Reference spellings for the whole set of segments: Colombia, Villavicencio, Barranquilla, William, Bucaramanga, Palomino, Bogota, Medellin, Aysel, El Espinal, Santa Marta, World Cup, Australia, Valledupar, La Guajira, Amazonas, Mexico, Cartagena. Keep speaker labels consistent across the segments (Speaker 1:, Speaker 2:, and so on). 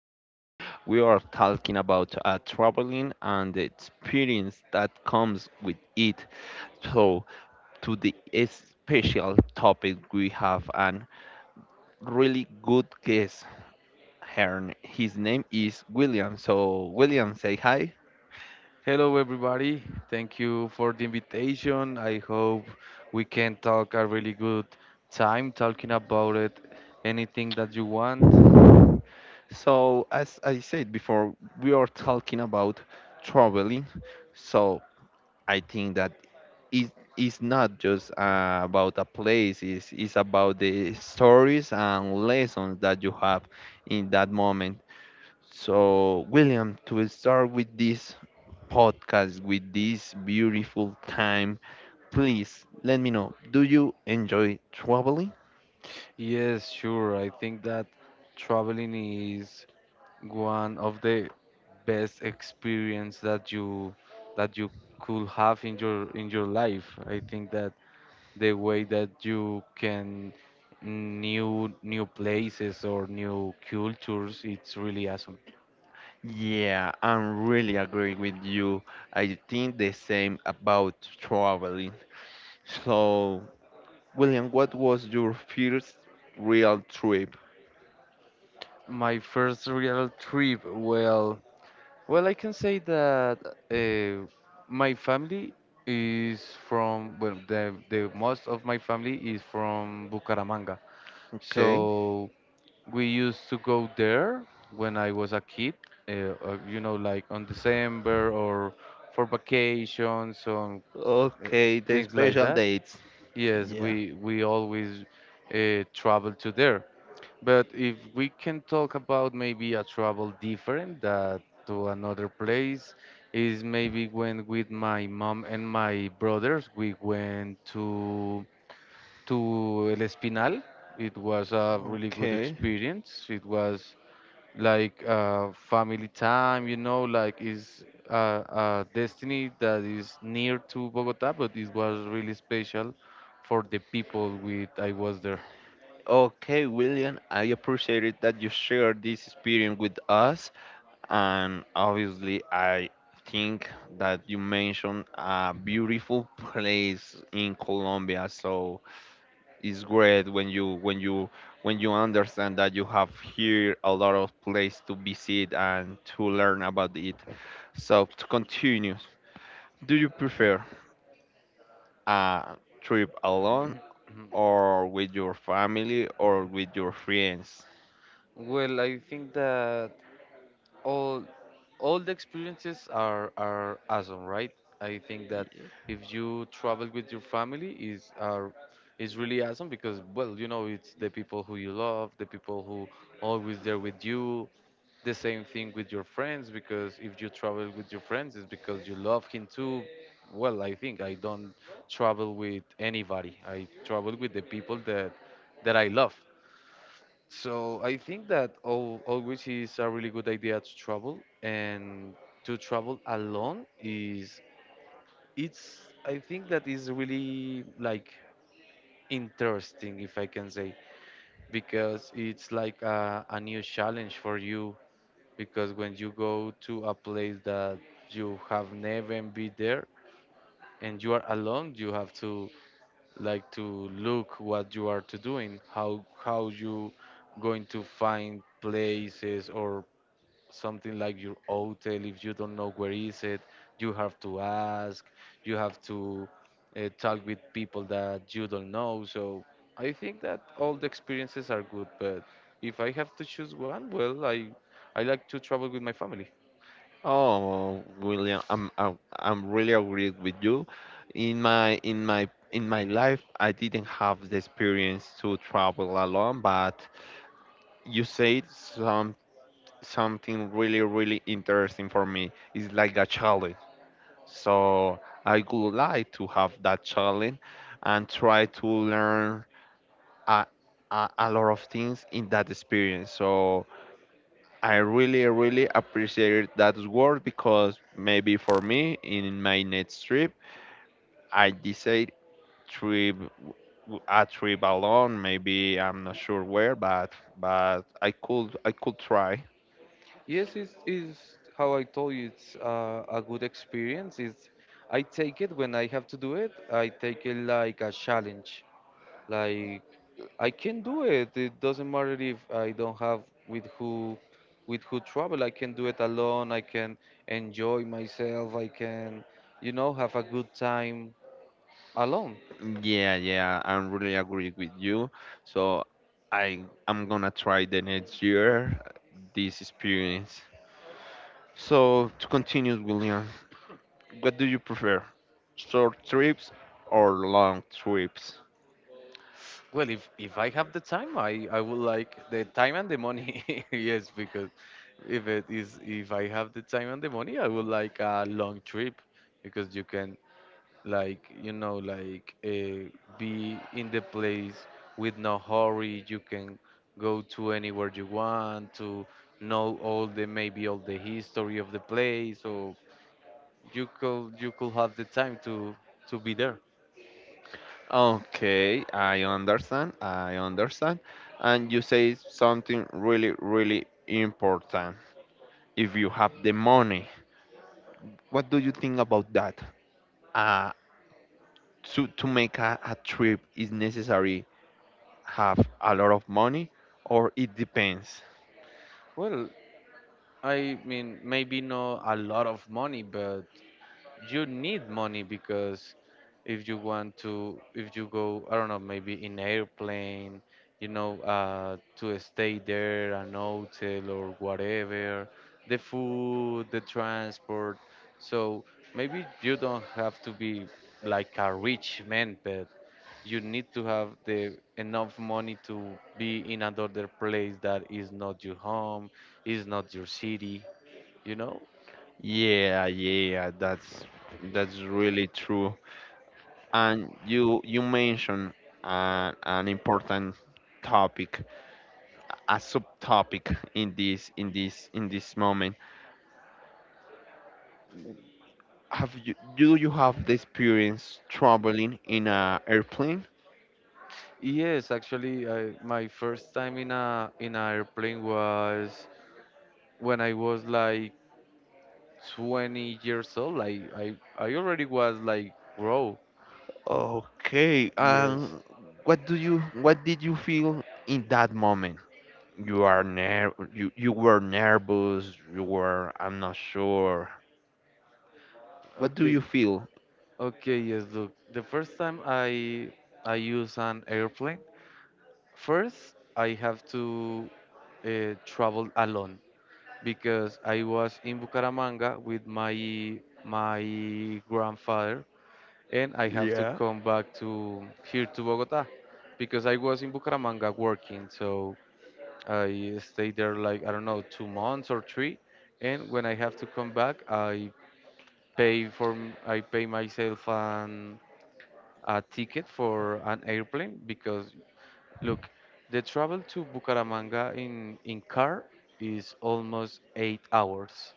Speaker 1: Today we are talking about traveling and the experience that comes with it. So, to the special topic, we have an really good guest here. His name is William. So, William, say hi.
Speaker 2: Hello, everybody. Thank you for the invitation. I hope we can talk a really good time talking about it. Anything that you want.
Speaker 1: So, as I said before, we are talking about traveling. So, I think that it is not just about a place. It's about the stories and lessons that you have in that moment. So, William, to start with this podcast, with this beautiful time, please let me know. Do you enjoy traveling?
Speaker 2: Yes, sure. I think that traveling is one of the best experience that you could have in your life. I think that the way that you can new places or new cultures, it's really awesome.
Speaker 1: Yeah, I am really agree with you. I think the same about traveling. So, William, what was your first real trip?
Speaker 2: My first real trip, well, I can say that uh, my family is from, well, the most of my family is from Bucaramanga.
Speaker 1: Okay.
Speaker 2: So we used to go there when I was a kid, uh, you know, like on December or for vacations on uh,
Speaker 1: Okay, the
Speaker 2: things like
Speaker 1: special
Speaker 2: that.
Speaker 1: dates.
Speaker 2: Yes,
Speaker 1: Yeah.
Speaker 2: we always travel to there. But if we can talk about maybe a travel different that to another place is maybe when with my mom and my brothers we went to El Espinal. It was a really good
Speaker 1: Okay.
Speaker 2: experience. It was like family time, you know, like is a destiny that is near to Bogota, but it was really special for the people with I was there.
Speaker 1: Okay, William, I appreciate it that you shared this experience with us. And obviously, I think that you mentioned a beautiful place in Colombia. So it's great when you when you when you understand that you have here a lot of place to visit and to learn about it. So to continue, do you prefer a trip alone, or with your family or with your friends?
Speaker 2: Well, I think that all all the experiences are awesome, right? I think that
Speaker 1: Yeah.
Speaker 2: if you travel with your family is really awesome because, well, you know, it's the people who you love, the people who always there with you. The same thing with your friends, because if you travel with your friends, it's because you love him too. Well, I think I don't travel with anybody. I travel with the people that I love. So I think that al always is a really good idea to travel. And to travel alone is it's, I think that is really like interesting, if I can say, because it's like a new challenge for you, because when you go to a place that you have never been there and you are alone, you have to like to look what you are to doing, how you going to find places or something like your hotel. If you don't know where is it, you have to ask, you have to talk with people that you don't know. So I think that all the experiences are good, but if I have to choose one, well, I like to travel with my family.
Speaker 1: Oh, William, I'm really agreed with you. In my in my life, I didn't have the experience to travel alone, but you said something really really interesting for me. It's like a challenge. So I would like to have that challenge and try to learn a, a lot of things in that experience. So I really, really appreciate that word because maybe for me in my next trip, I decide trip a trip alone. Maybe I'm not sure where, but I could try.
Speaker 2: Yes, it's how I told you, it's a good experience. It's, I take it when I have to do it, I take it like a challenge. Like I can do it. It doesn't matter if I don't have with who with who travel. I can do it alone. I can enjoy myself. I can, you know, have a good time alone.
Speaker 1: Yeah, I really agree with you. So I'm gonna try the next year this experience. So to continue, William, what do you prefer, short trips or long trips?
Speaker 2: Well, if I have the time, I would like the time and the money. Yes, because if it is if I have the time and the money, I would like a long trip, because you can like, you know, like be in the place with no hurry. You can go to anywhere you want to know all the, maybe all the history of the place, or you could have the time to be there.
Speaker 1: Okay, I understand. I understand. And you say something really, really important. If you have the money, what do you think about that? Uh, to make a trip is necessary have a lot of money or it depends.
Speaker 2: Well, I mean, maybe not a lot of money, but you need money, because if you want to, if you go, I don't know, maybe in airplane, you know, to stay there an hotel or whatever, the food, the transport. So maybe you don't have to be like a rich man, but you need to have the enough money to be in another place that is not your home, is not your city, you know.
Speaker 1: Yeah, that's really true. And you mentioned an important topic, a subtopic in this in this moment. Have you Do you have the experience traveling in an airplane?
Speaker 2: Yes, actually, I, my first time in a in an airplane was when I was like 20 years old. Like I already was like grow.
Speaker 1: Okay,
Speaker 2: Wow. Yes.
Speaker 1: what do you what did you feel in that moment? You are ner you were nervous, you were I'm not sure. What do
Speaker 2: Okay.
Speaker 1: you feel?
Speaker 2: Okay. Yes. Look, the first time I use an airplane, first I have to travel alone because I was in Bucaramanga with my grandfather, and I have to
Speaker 1: Yeah.
Speaker 2: come back to here to Bogota because I was in Bucaramanga working. So I stayed there like, I don't know, 2 months or three, and when I have to come back, I I pay myself an a ticket for an airplane. Because look, the travel to Bucaramanga in car is almost 8 hours.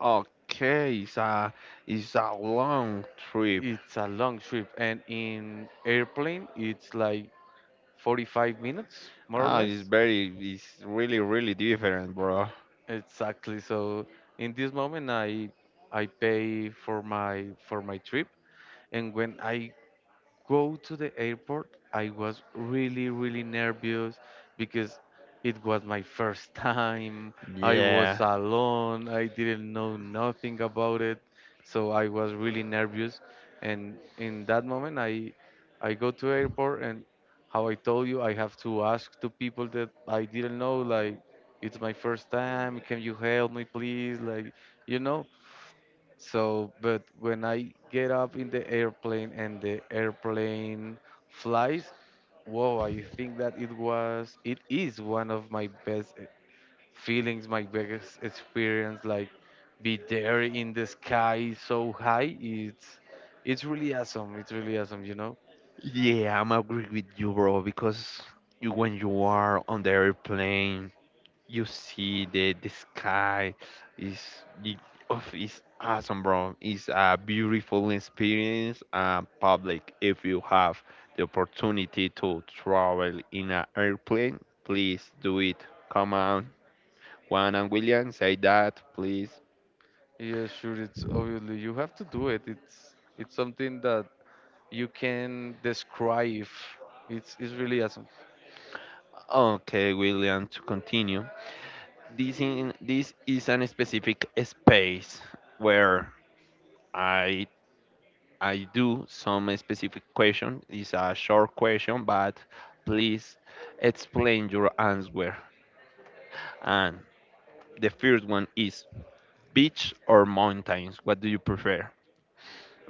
Speaker 1: Okay, it's a long trip.
Speaker 2: It's a long trip, and in airplane it's like 45 minutes, more or
Speaker 1: Ah, it's
Speaker 2: less.
Speaker 1: very it's really really different, bro.
Speaker 2: Exactly. So in this moment, I pay for my trip, and when I go to the airport, I was really, really nervous, because it was my first time. I was
Speaker 1: Yeah.
Speaker 2: alone. I didn't know nothing about it. So I was really nervous. And in that moment, I go to airport and, how I told you, I have to ask to people that I didn't know, like, it's my first time. Can you help me, please? Like, you know. So, but when I get up in the airplane and the airplane flies, whoa, I think that it is one of my best feelings, my biggest experience. Like, be there in the sky so high, it's really awesome. It's really awesome, you know?
Speaker 1: Yeah, I'm agree with you, bro, because you, when you are on the airplane, you see the sky is it, oh, it's awesome, bro. It's a beautiful experience. Public, if you have the opportunity to travel in an airplane, please do it. Come on, Juan and William, say that, please.
Speaker 2: Yeah, sure. It's obviously you have to do it. It's something that you can describe. It's really awesome.
Speaker 1: Okay, William, to continue. This in this is an specific space where I I do some specific question. It's a short question, but please explain your answer. And the first one is beach or mountains. What do you prefer?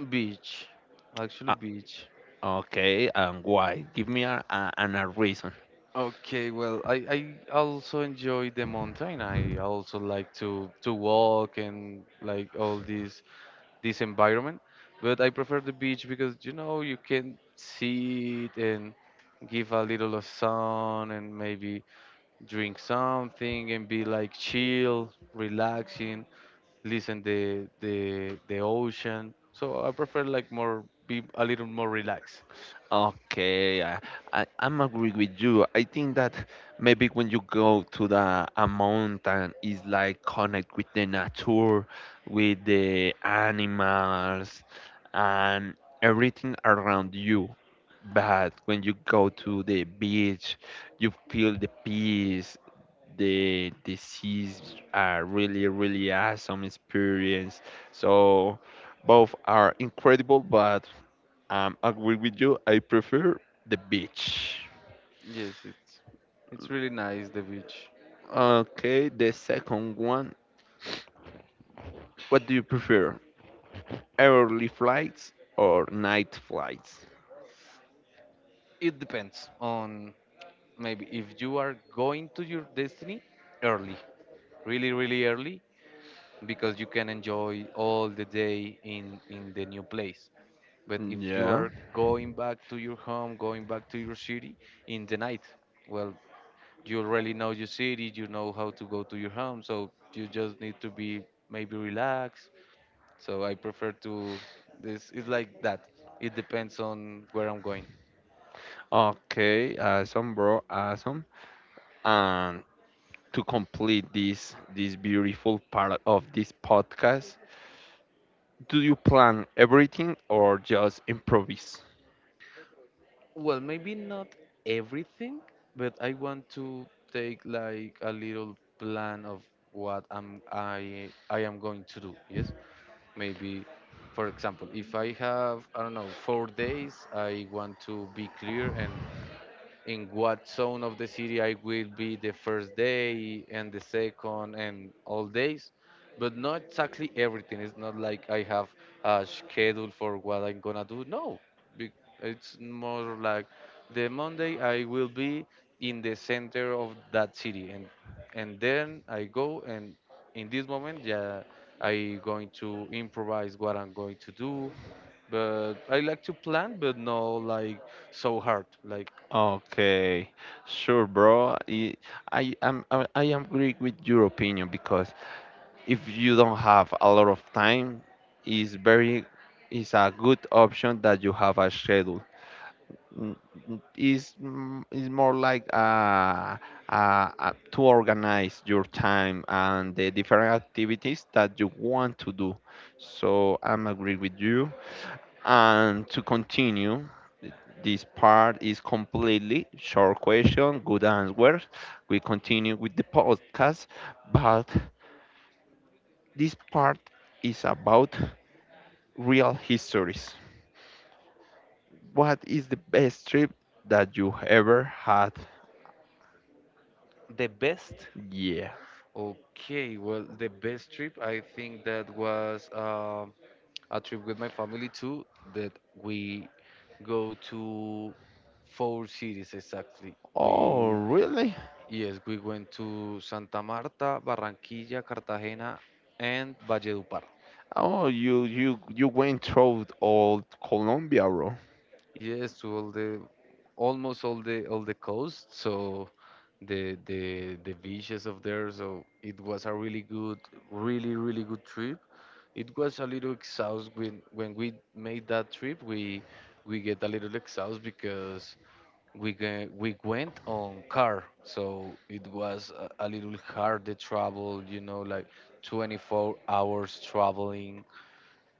Speaker 2: Beach, actually
Speaker 1: Uh,
Speaker 2: beach.
Speaker 1: okay, and why? Give me a reason.
Speaker 2: Okay, well, I also enjoy the mountain. I also like to walk and like all this environment, but I prefer the beach because, you know, you can sit and give a little of sun, and maybe drink something and be like chill, relaxing, listen the ocean. So I prefer like more be a little more relaxed.
Speaker 1: Okay, I I'm agree with you. I think that maybe when you go to the a mountain, it's like connect with the nature, with the animals, and everything around you. But when you go to the beach, you feel the peace the this is a really really awesome experience. So both are incredible, but I agree with you. I prefer the beach.
Speaker 2: Yes, it's really nice the beach.
Speaker 1: Okay, the second one, what do you prefer, early flights or night flights?
Speaker 2: It depends on, maybe if you are going to your destiny early, really, really early, because you can enjoy all the day in the new place. But if you
Speaker 1: Yeah.
Speaker 2: are going back to your home, going back to your city in the night, well, you already know your city, you know how to go to your home, so you just need to be maybe relaxed. So I prefer to this. Is like that. It depends on where I'm going.
Speaker 1: Okay, awesome, bro, awesome. And to complete this beautiful part of this podcast, do you plan everything or just improvise?
Speaker 2: Well, maybe not everything, but I want to take like a little plan of what I am going to do. Yes, maybe, for example, if I have, I don't know, 4 days, I want to be clear and in what zone of the city I will be the first day and the second and all days, but not exactly everything. It's not like I have a schedule for what I'm gonna do. No, Be- it's more like the Monday I will be in the center of that city, and then I go, and in this moment, yeah, I going to improvise what I'm going to do. But I like to plan, but no like so hard. Like,
Speaker 1: Okay, sure, bro. I I am agree with your opinion because if you don't have a lot of time, it's very it's a good option that you have a schedule. Mm, mm, it's mm, it's more like to organize your time and the different activities that you want to do. So I'm agree with you. And to continue, th- this part is completely short question, good answers. We continue with the podcast, but this part is about real histories. What is the best trip that you ever had?
Speaker 2: the best?
Speaker 1: Yeah.
Speaker 2: Okay, well, the best trip I think that was a trip with my family too, that we go to four cities exactly.
Speaker 1: Oh,
Speaker 2: We,
Speaker 1: really?
Speaker 2: yes, we went to Santa Marta, Barranquilla, Cartagena, and Valledupar.
Speaker 1: Oh, you you went through all Colombia, bro.
Speaker 2: Yes, to all the almost all the coast, so the beaches of there, so it was a really good, really really good trip. It was a little exhaust when we made that trip. We get a little exhaust because we went on car, so it was a little hard the travel, you know, like 24 hours traveling.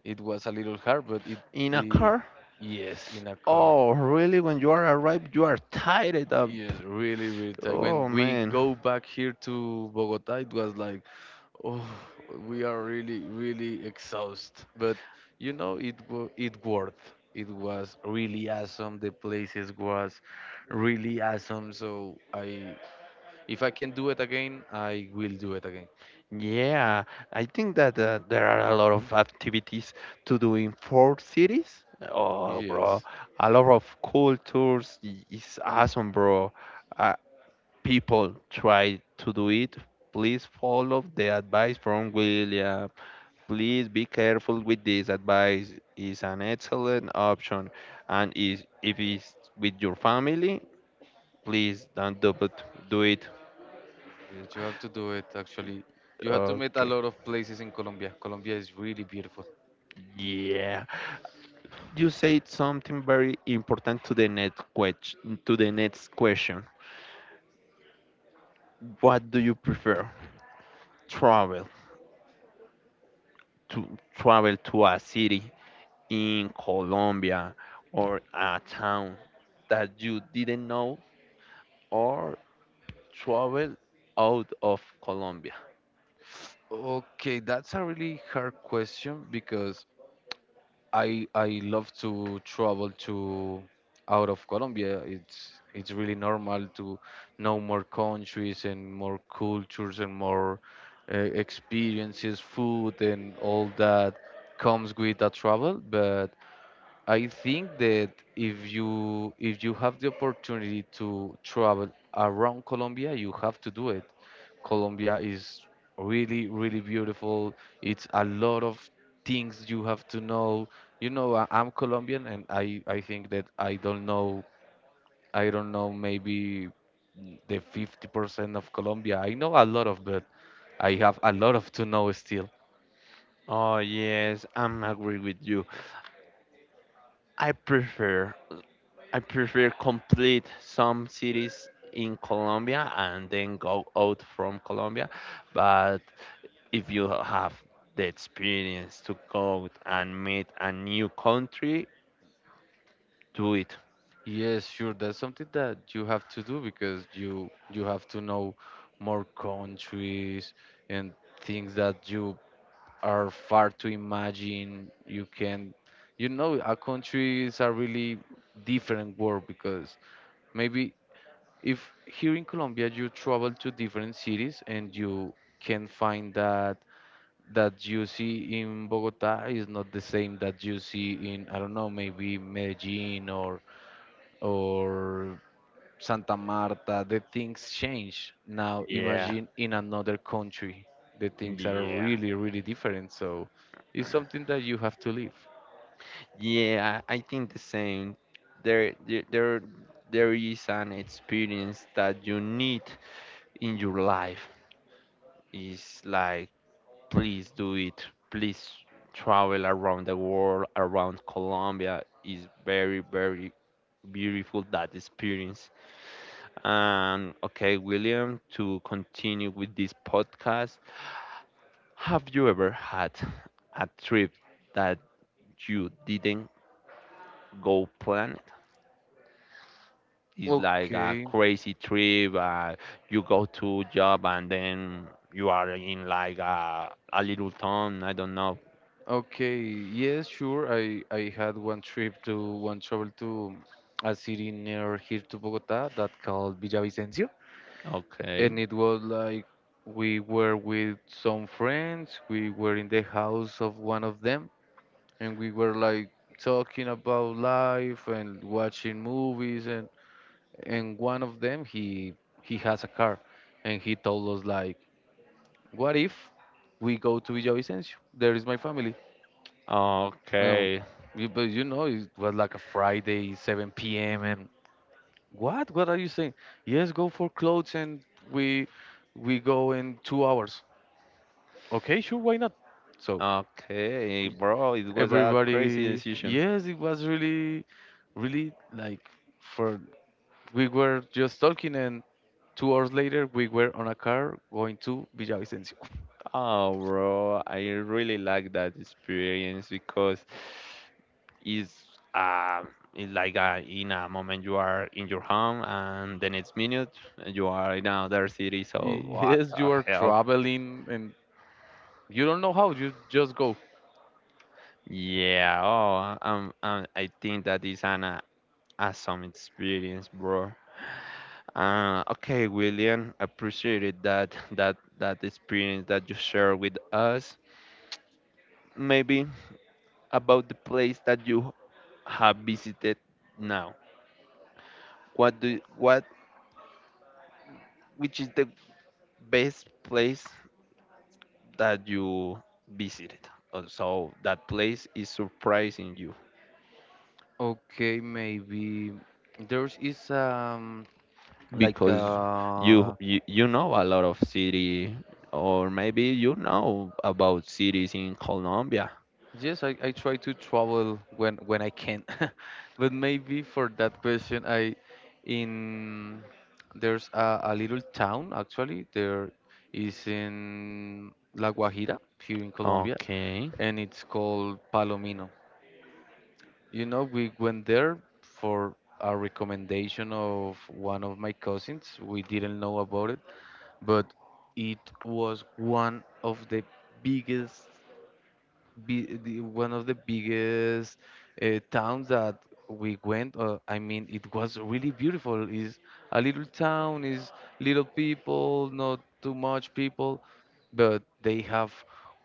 Speaker 2: It was a little hard, but it,
Speaker 1: In a
Speaker 2: it
Speaker 1: car?
Speaker 2: yes, in a car.
Speaker 1: Oh, really? When you are arrived, you are tired of.
Speaker 2: Yes, really, really tight. When
Speaker 1: Oh
Speaker 2: we
Speaker 1: man.
Speaker 2: go back here to Bogota, it was like, oh, we are really, really exhausted. But you know, it worth. It was really awesome. The places was really awesome. So I, if I can do it again, I will do it again.
Speaker 1: Yeah, I think that there are a lot of activities to do in four cities. Oh, bro,
Speaker 2: Yes,
Speaker 1: a lot of cool tours is awesome, bro. Uh, People try to do it. Please follow the advice from William. Please be careful with this advice. It's an excellent option, and is if it's with your family, please don't do it. Do it.
Speaker 2: yes, you have to do it. Actually, you have to meet a
Speaker 1: Okay.
Speaker 2: lot of places in Colombia. Colombia is really beautiful.
Speaker 1: Yeah. You said something very important to the next question. To the next question, what do you prefer? Travel to Travel to a city in Colombia or a town that you didn't know, or travel out of Colombia.
Speaker 2: Okay, that's a really hard question, because I love to travel to out of Colombia. It's really normal to know more countries and more cultures and more experiences, food and all that comes with that travel. But I think that, if you have the opportunity to travel around Colombia, you have to do it. Colombia is really, really beautiful. It's a lot of things you have to know. You know, I, I'm Colombian, and I think that I don't know, I don't know maybe the 50% of Colombia. I know a lot of, but I have a lot of to know.
Speaker 1: Oh yes, I'm agree with you. I prefer I prefer complete some cities in Colombia and then go out from Colombia, but if you have the experience to go and meet a new country, do it.
Speaker 2: Yes, sure. That's something that you have to do, because you have to know more countries and things that you are far to imagine. You can. A country is a really different world, because maybe if here in Colombia you travel to different cities, and you can find that that you see in Bogota is not the same that you see in, I don't know, maybe Medellin or Santa Marta. The things change. Now
Speaker 1: Yeah,
Speaker 2: imagine, in another country, the things are
Speaker 1: yeah,
Speaker 2: really, really different. So it's something that you have to live.
Speaker 1: yeah. I think the same. There, there, there there is an experience that you need in your life. It's like, please do it. Please travel around the world, around Colombia. Is very, very beautiful that experience. And okay, William, to continue with this podcast, have you ever had a trip that you didn't go planned? It's like a
Speaker 2: Okay,
Speaker 1: crazy trip. You go to job and then you are in like a little town. I don't know.
Speaker 2: okay, yes, sure. I had one travel to a city near here to Bogota that called Villavicencio,
Speaker 1: Okay.
Speaker 2: and it was like, we were with some friends. We were in the house of one of them, and we were like talking about life and watching movies and one of them, he has a car, and he told us like, what if we go to Villavicencio, there is my family. Um,
Speaker 1: Okay.
Speaker 2: you, but you know It was like a Friday 7 p.m. and, what are you saying? Yes, go for clothes. And we we go in 2 hours. Okay, sure, why not? So
Speaker 1: Okay, bro, it was a crazy
Speaker 2: everybody,
Speaker 1: decision.
Speaker 2: yes, it was really, really like, for we were just talking, and 2 hours later, we were on a car going to Villavicencio.
Speaker 1: Oh, bro, I really like that experience because is um it's like in a moment you are in your home and the next minute you are in another city, so what
Speaker 2: Yes,
Speaker 1: the
Speaker 2: you are
Speaker 1: hell.
Speaker 2: traveling, and you don't know how. You just go.
Speaker 1: Yeah. Oh, I think that is an awesome experience, bro. Okay, William, appreciated that experience that you share with us. Maybe about the place that you have visited now, what do what which is the best place that you visited. So that place is surprising you
Speaker 2: Okay, maybe there is like
Speaker 1: because you you know a lot of city or maybe you know about cities in Colombia.
Speaker 2: yes, I try to travel when I can, but maybe for that question, I in there's a little town, actually there is in La Guajira here in Colombia,
Speaker 1: Okay.
Speaker 2: and it's called Palomino. You know, we went there for a recommendation of one of my cousins. We didn't know about it, but it was one of the biggest, one of the biggest towns that we went. I mean, it was really beautiful. Is a little town, is little people, not too much people, but they have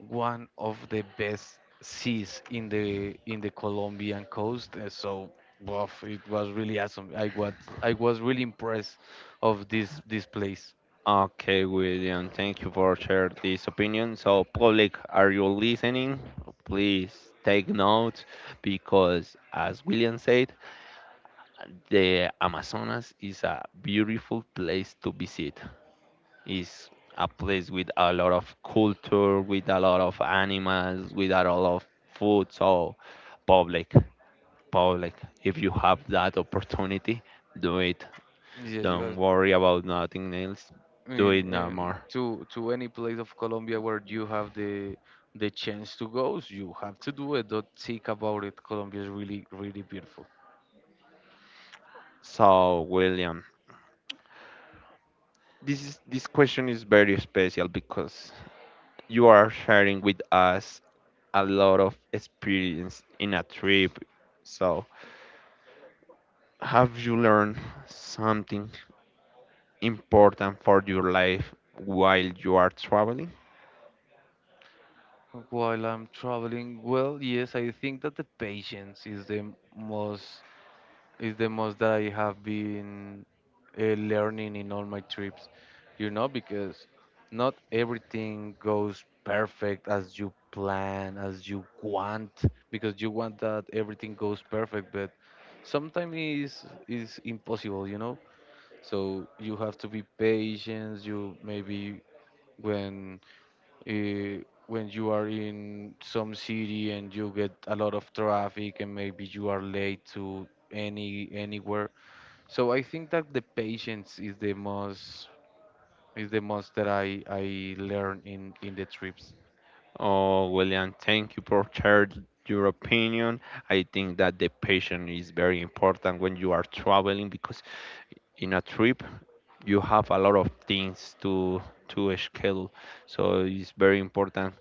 Speaker 2: one of the best seas in the Colombian coast. So, woof, it was really awesome. I was really impressed of this place.
Speaker 1: Okay, William, thank you for sharing this opinion. So, public, are you listening? Please take note because, as William said, the Amazonas is a beautiful place to visit. Is a place with a lot of culture, with a lot of animals, with a lot of food. So, public, public. If you have that opportunity, do it.
Speaker 2: Yes,
Speaker 1: Don't worry about nothing else. Do
Speaker 2: in,
Speaker 1: it no
Speaker 2: in
Speaker 1: more.
Speaker 2: to any place of Colombia where you have the chance to go, so you have to do it. Don't think about it. Colombia is really, really beautiful.
Speaker 1: So, William, this question is very special because you are sharing with us a lot of experience in a trip. So, have you learned something important for your life while you are traveling?
Speaker 2: While I'm traveling, well, yes, I think that the patience is the most it's the most that I have been learning in all my trips, because not everything goes perfect as you plan, as you want, because you want that everything goes perfect, but sometimes is impossible. So you have to be patient. You maybe when when you are in some city, and you get a lot of traffic, and maybe you are late to anywhere. So I think that the patience is the most that I learn in the trips.
Speaker 1: Oh, William, thank you for sharing your opinion. I think that the patient is very important when you are traveling because in a trip you have a lot of things to schedule. So it's very important,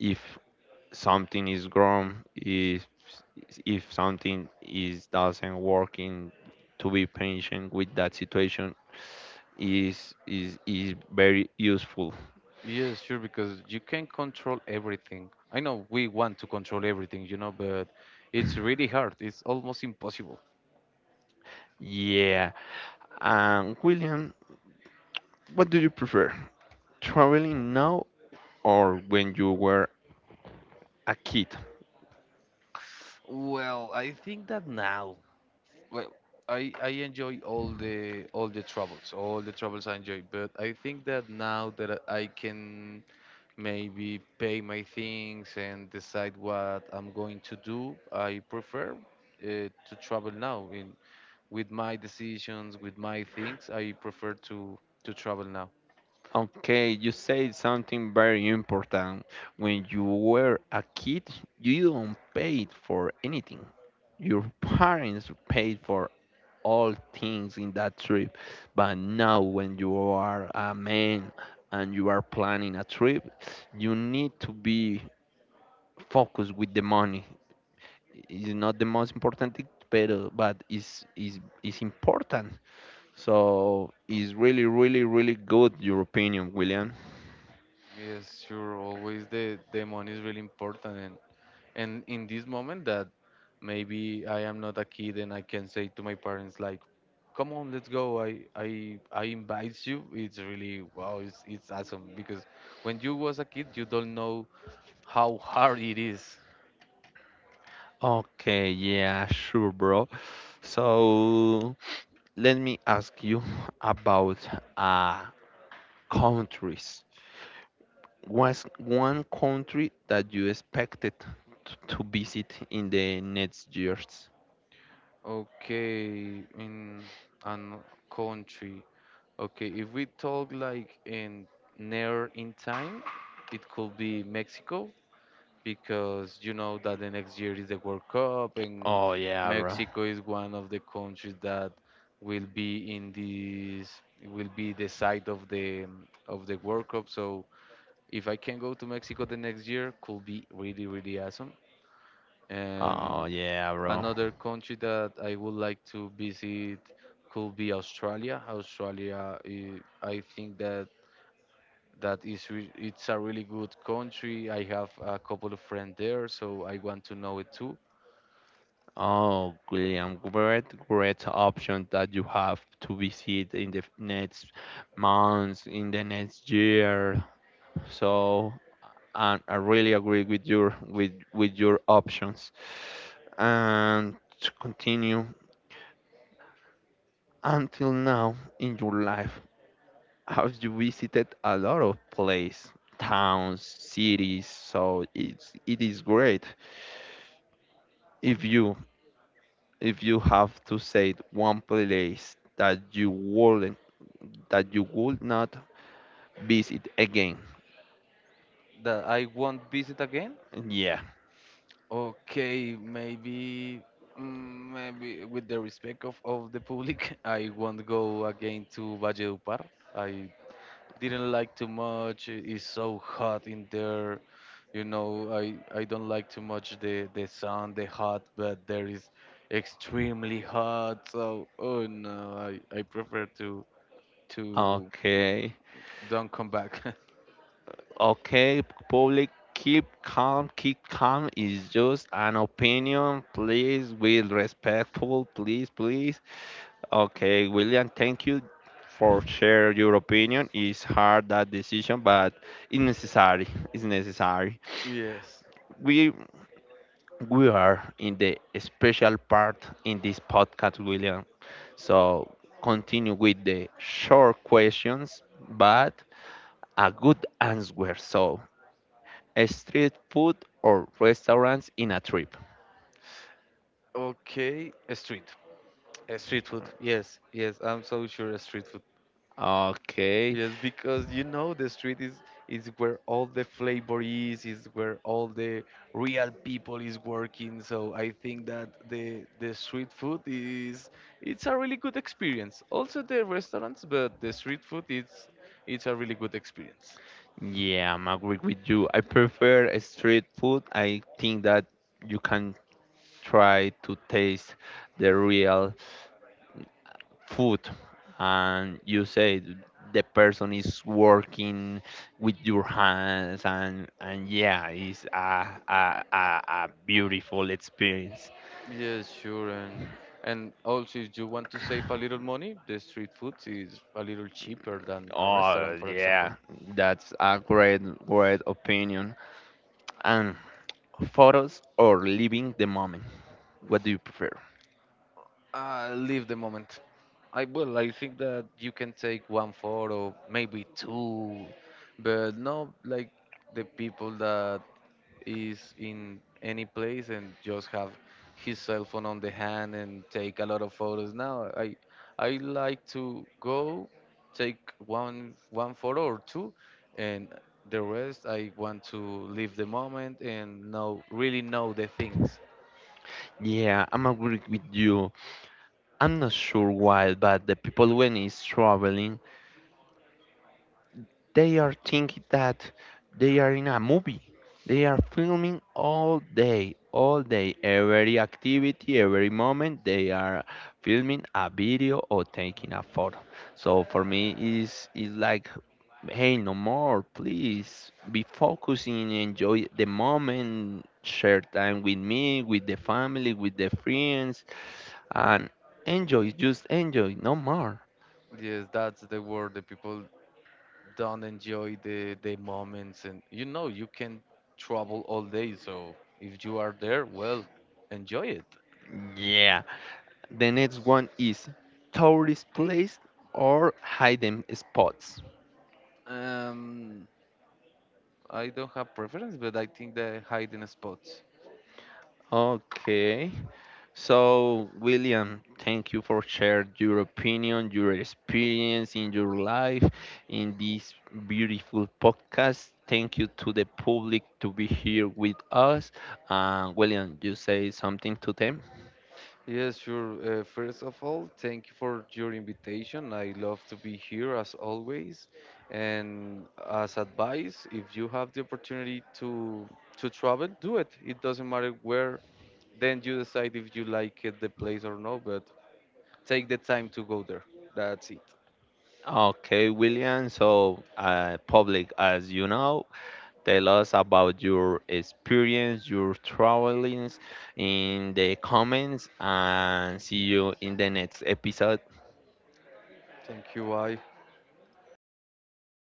Speaker 1: if something is wrong, if something is doesn't working, to be patient with that situation is very useful.
Speaker 2: Yes, sure, because you can control everything. I know we want to control everything, but it's really hard. It's almost impossible.
Speaker 1: Yeah. And William, what do you prefer? Traveling now or when you were a kid?
Speaker 2: Well, I think that now, well, I enjoy all the troubles, all the troubles I enjoy, but I think that now that I can maybe pay my things and decide what I'm going to do. I prefer to travel now. In With my decisions, with my things, I prefer to travel now.
Speaker 1: Okay, you said something very important. When you were a kid, you don't pay for anything. Your parents paid for all things in that trip. But now, when you are a man and you are planning a trip, you need to be focused with the money. Is not the most important thing, pero but is important. So it's really, really, really good your opinion, William.
Speaker 2: Yes, sure. Always the money is really important, and in this moment that, maybe I am not a kid and I can say to my parents like, "Come on, let's go. I invite you." It's really wow. It's awesome because when you was a kid, you don't know how hard it is.
Speaker 1: Okay, yeah, sure, bro. So let me ask you about uh countries. What's one country that you expected to visit in the next years?
Speaker 2: Okay, in an country. Okay, if we talk like, in near in time, it could be Mexico because you know that the next year is the World Cup, and
Speaker 1: Oh yeah, bro.
Speaker 2: Mexico is one of the countries that will be in this will be the site of the World Cup. So if I can go to Mexico the next year, could be really, really awesome.
Speaker 1: Oh
Speaker 2: Um,
Speaker 1: yeah, bro.
Speaker 2: Another country that I would like to visit could be Australia. Australia, I think that it's a really good country. I have a couple of friends there, so I want to know it too.
Speaker 1: Oh, William, great, great option that you have to visit in the next months, in the next year. So, I really agree with your with your options. And to continue, until now in your life, have you visited a lot of place, towns, cities? So it's it is great if you if you have to say one place that you wouldn't that you would not visit again.
Speaker 2: That I won't visit again.
Speaker 1: Yeah.
Speaker 2: Okay, maybe maybe with the respect of the public, I won't go again to Valledupar. I didn't like too much. It's so hot in there. You know, I don't like too much the sun, the hot, but there is extremely hot. So, oh no, I prefer to to
Speaker 1: Okay.
Speaker 2: don't come back.
Speaker 1: Okay, public, keep calm is just an opinion. Please with respectful, please, please. Okay, William, thank you for share your opinion. It's hard that decision, but it's necessary. It's necessary.
Speaker 2: Yes.
Speaker 1: We are in the special part in this podcast, William. So continue with the short questions, but a good answer. So, a street food or restaurants in a trip?
Speaker 2: Okay. A street. A street food. Yes. Yes. I'm so sure a street food.
Speaker 1: Okay,
Speaker 2: Yes, because you know the street is where all the flavor is where all the real people is working. So I think that the street food is it's a really good experience. Also the restaurants, but the street food it's a really good experience.
Speaker 1: yeah, I'm agree with you. I prefer a street food. I think that you can try to taste the real food and you say the person is working with your hands and yeah it's a a beautiful experience.
Speaker 2: Yes, sure, and also if you want to save a little money, the street food is a little cheaper than a restaurant,
Speaker 1: Oh
Speaker 2: for example.
Speaker 1: yeah, that's a great great opinion. And photos or living the moment, what do you prefer?
Speaker 2: Leave the moment. I will. I think that you can take one photo, maybe two, but not like the people that is in any place and just have his cell phone on the hand and take a lot of photos. Now, I like to go take one photo or two, and the rest I want to live the moment and know really know the things.
Speaker 1: Yeah, I'm agree with you. I'm not sure why, but the people when is traveling they are thinking that they are in a movie. They are filming all day, every activity, every moment. They are filming a video or taking a photo. So for me, is like, hey, no more, please. Be focusing, enjoy the moment, share time with me, with the family, with the friends, and enjoy. Just enjoy, no more.
Speaker 2: Yes, that's the word. The people don't enjoy the moments, and you know you can travel all day, so if you are there, well, enjoy it.
Speaker 1: Yeah. The next one is tourist place or hidden spots.
Speaker 2: um I don't have preference, but I think the hiding spots.
Speaker 1: Okay. So, William, thank you for sharing your opinion, your experience in your life, in this beautiful podcast. Thank you to the public to be here with us. William, you say something to them?
Speaker 2: Yes, sure. First of all, thank you for your invitation. I love to be here as always, and as advice, if you have the opportunity to travel, do it. It doesn't matter where. Then you decide if you like it, the place or no, but take the time to go there. That's it.
Speaker 1: Okay, William. So, public, as you know, tell us about your experience, your travelings in the comments, and see you in the next episode.
Speaker 2: Thank you. Bye.